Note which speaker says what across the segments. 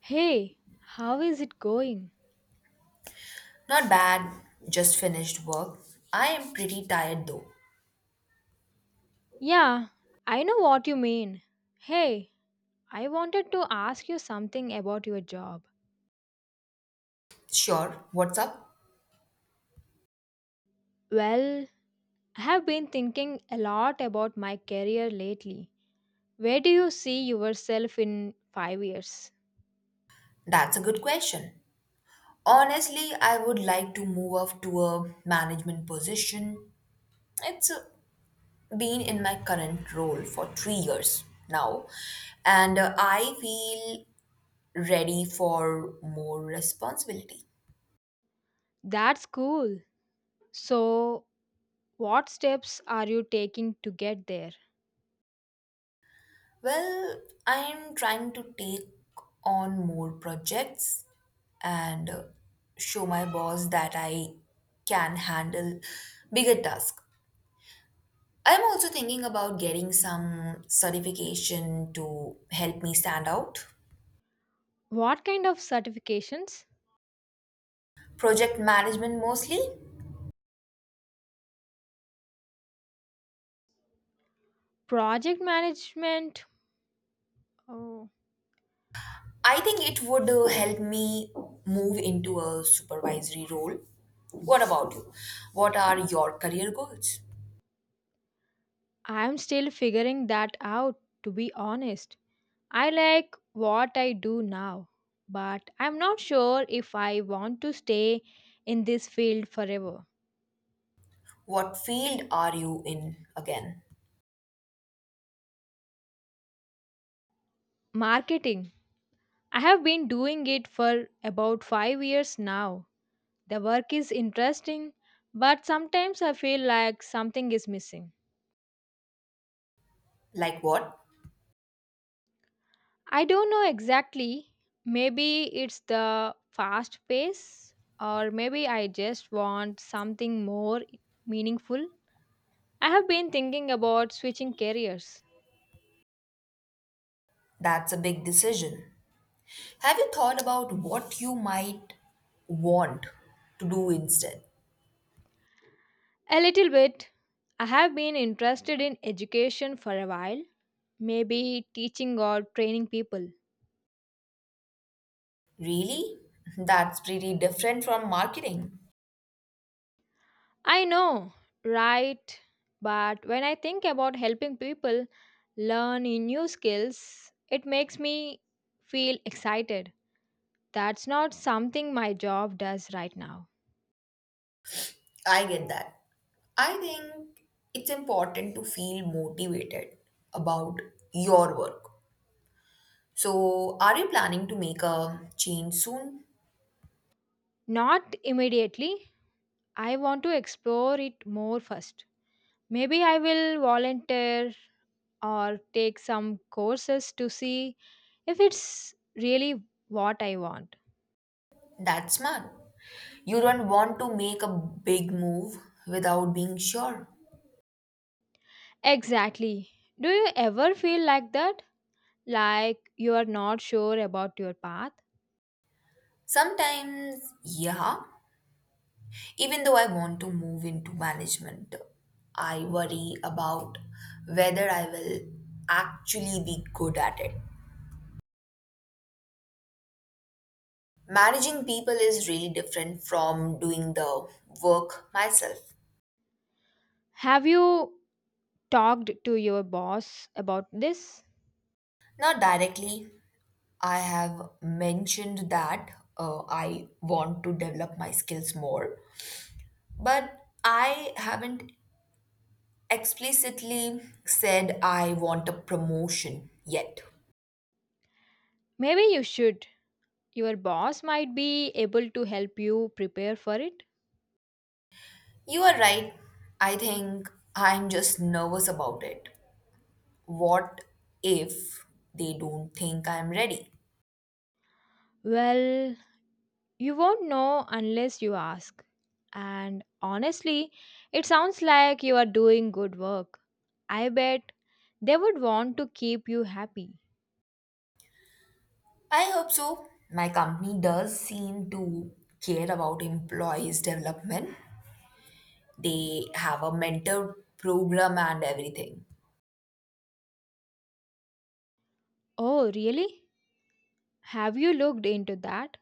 Speaker 1: Hey, how is it going?
Speaker 2: Not bad, just finished work. I am pretty tired though.
Speaker 1: Yeah, I know what you mean. Hey, I wanted to ask you something about your job.
Speaker 2: Sure, what's up?
Speaker 1: Well, I have been thinking a lot about my career lately. Where do you see yourself in 5 years?
Speaker 2: That's a good question. Honestly, I would like to move up to a management position. It's been in my current role for 3 years now, and I feel ready for more responsibility.
Speaker 1: That's cool. So, what steps are you taking to get there?
Speaker 2: Well, I'm trying to take on more projects and show my boss that I can handle bigger tasks. I'm also thinking about getting some certification to help me stand out.
Speaker 1: What kind of certifications?
Speaker 2: Project management mostly.
Speaker 1: Project management? Oh,
Speaker 2: I think it would help me move into a supervisory role. What about you? What are your career goals?
Speaker 1: I'm still figuring that out, to be honest. I like what I do now, but I'm not sure if I want to stay in this field forever.
Speaker 2: What field are you in again?
Speaker 1: Marketing. I have been doing it for about 5 years now. The work is interesting, but sometimes I feel like something is missing.
Speaker 2: Like what?
Speaker 1: I don't know exactly. Maybe it's the fast pace, or maybe I just want something more meaningful. I have been thinking about switching careers.
Speaker 2: That's a big decision. Have you thought about what you might want to do instead?
Speaker 1: A little bit. I have been interested in education for a while, maybe teaching or training people.
Speaker 2: Really? That's pretty different from marketing.
Speaker 1: I know, right? But when I think about helping people learn in new skills, it makes me feel excited. That's not something my job does right now.
Speaker 2: I get that. I think it's important to feel motivated about your work. So, are you planning to make a change soon?
Speaker 1: Not immediately. I want to explore it more first. Maybe I will volunteer or take some courses to see if it's really what I want.
Speaker 2: That's smart. You don't want to make a big move without being sure.
Speaker 1: Exactly. Do you ever feel like that? Like you are not sure about your path?
Speaker 2: Sometimes, yeah, even though I want to move into management, I worry about whether I will actually be good at it. Managing people is really different from doing the work myself.
Speaker 1: Have you talked to your boss about this?
Speaker 2: Not directly, I have mentioned that I want to develop my skills more, but I haven't explicitly said I want a promotion yet.
Speaker 1: Maybe you should. Your boss might be able to help you prepare for it.
Speaker 2: You are right. I think I'm just nervous about it. What if they don't think I'm ready?
Speaker 1: Well, you won't know unless you ask. And honestly, it sounds like you are doing good work. I bet they would want to keep you happy.
Speaker 2: I hope so. My company does seem to care about employees' development. They have a mentor program and everything.
Speaker 1: Oh, really? Have you looked into that?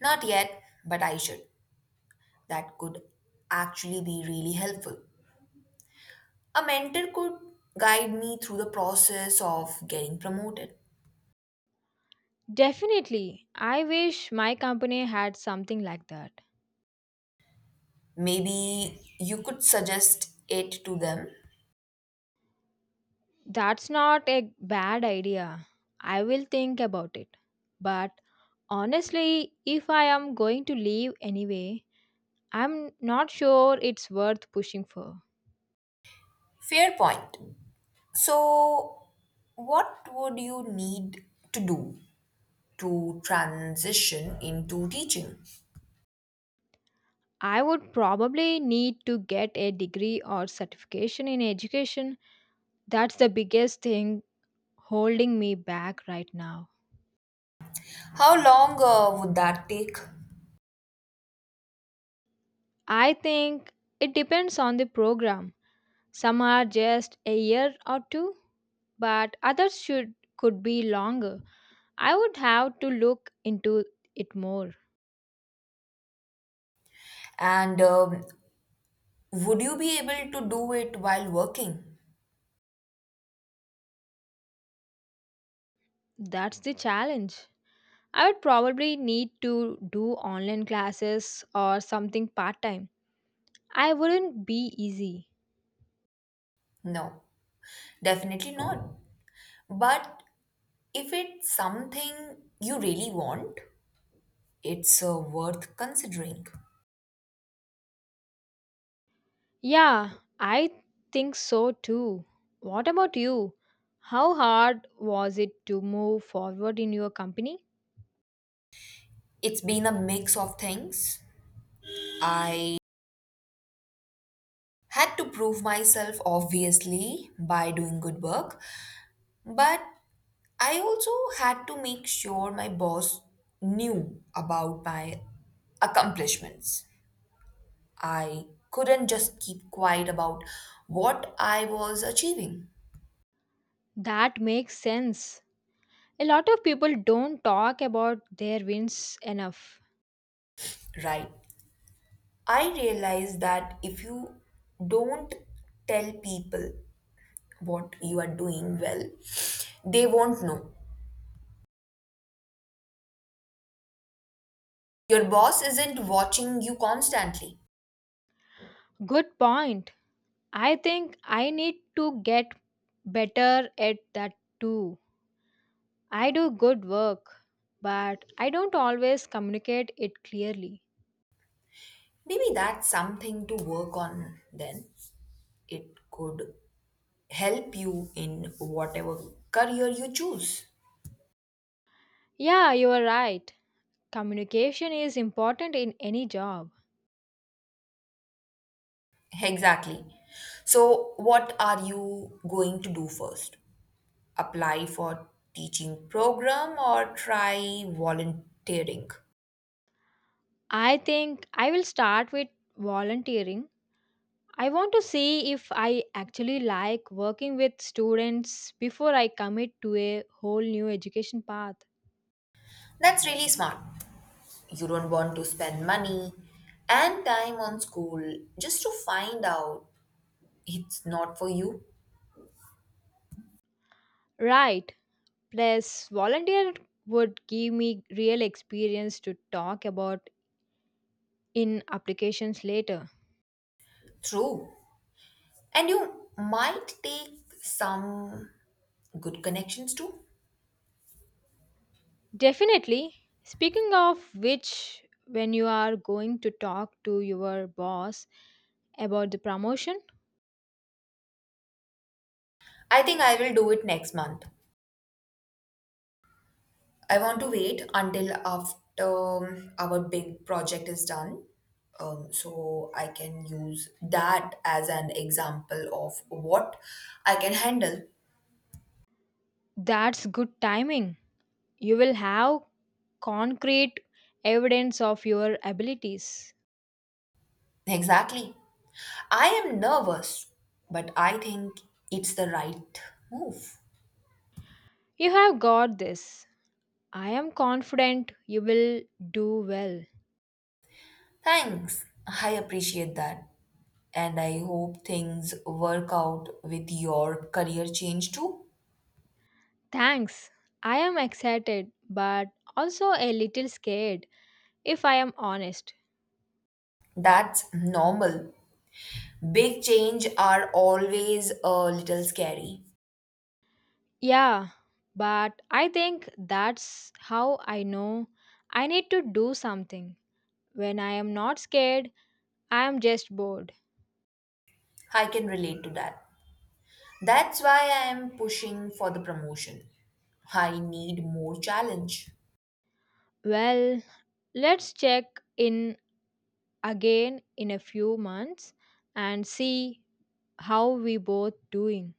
Speaker 2: Not yet, but I should. That could actually be really helpful. A mentor could guide me through the process of getting promoted.
Speaker 1: Definitely. I wish my company had something like that.
Speaker 2: Maybe you could suggest it to them.
Speaker 1: That's not a bad idea. I will think about it. But honestly, if I am going to leave anyway, I'm not sure it's worth pushing for.
Speaker 2: Fair point. So, what would you need to do to transition into teaching?
Speaker 1: I would probably need to get a degree or certification in education. That's the biggest thing holding me back right now.
Speaker 2: How long would that take?
Speaker 1: I think it depends on the program. Some are just a year or two, but others should could be longer. I would have to look into it more.
Speaker 2: And would you be able to do it while working?
Speaker 1: That's the challenge. I would probably need to do online classes or something part time. I wouldn't be easy.
Speaker 2: No, definitely not. But if it's something you really want, it's worth considering.
Speaker 1: Yeah, I think so too. What about you? How hard was it to move forward in your company?
Speaker 2: It's been a mix of things. I had to prove myself obviously by doing good work. But I also had to make sure my boss knew about my accomplishments. I couldn't just keep quiet about what I was achieving,
Speaker 1: That makes sense. A lot of people don't talk about their wins enough.
Speaker 2: right? I realized that if you don't tell people what you are doing well, they won't know. Your boss isn't watching you constantly.
Speaker 1: Good point. I think I need to get better at that too. I do good work, but I don't always communicate it clearly.
Speaker 2: Maybe that's something to work on then. It could help you in whatever career you choose.
Speaker 1: Yeah, you are right. Communication is important in any job.
Speaker 2: Exactly. So, what are you going to do first? Apply for teaching program or try volunteering?
Speaker 1: I think I will start with volunteering. I want to see if I actually like working with students before I commit to a whole new education path.
Speaker 2: That's really smart. You don't want to spend money and time on school just to find out it's not for you.
Speaker 1: Right. Plus, volunteer would give me real experience to talk about in applications later.
Speaker 2: True. And you might take some good connections too.
Speaker 1: Definitely. Speaking of which, when you are going to talk to your boss about the promotion,
Speaker 2: I think I will do it next month. I want to wait until after our big project is done. So I can use that as an example of what I can handle.
Speaker 1: that's good timing. You will have concrete evidence of your abilities.
Speaker 2: Exactly. I am nervous, but I think it's the right move.
Speaker 1: You have got this. I am confident you will do well.
Speaker 2: Thanks. I appreciate that. And I hope things work out with your career change too.
Speaker 1: Thanks. I am excited but also a little scared if I am honest.
Speaker 2: That's normal. Big change are always a little scary.
Speaker 1: Yeah, but I think that's how I know I need to do something. When I am not scared, I am just bored.
Speaker 2: I can relate to that. That's why I am pushing for the promotion. I need more challenge.
Speaker 1: Well, let's check in again in a few months and see how we both doing.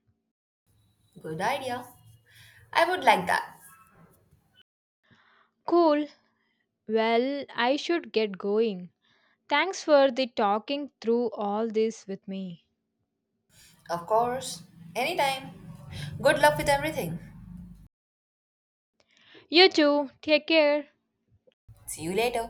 Speaker 2: Good idea. I would like that.
Speaker 1: Cool. Well, I should get going. Thanks for the talking through all this with me.
Speaker 2: Of course. Anytime. Good luck with everything.
Speaker 1: You too. Take care.
Speaker 2: See you later.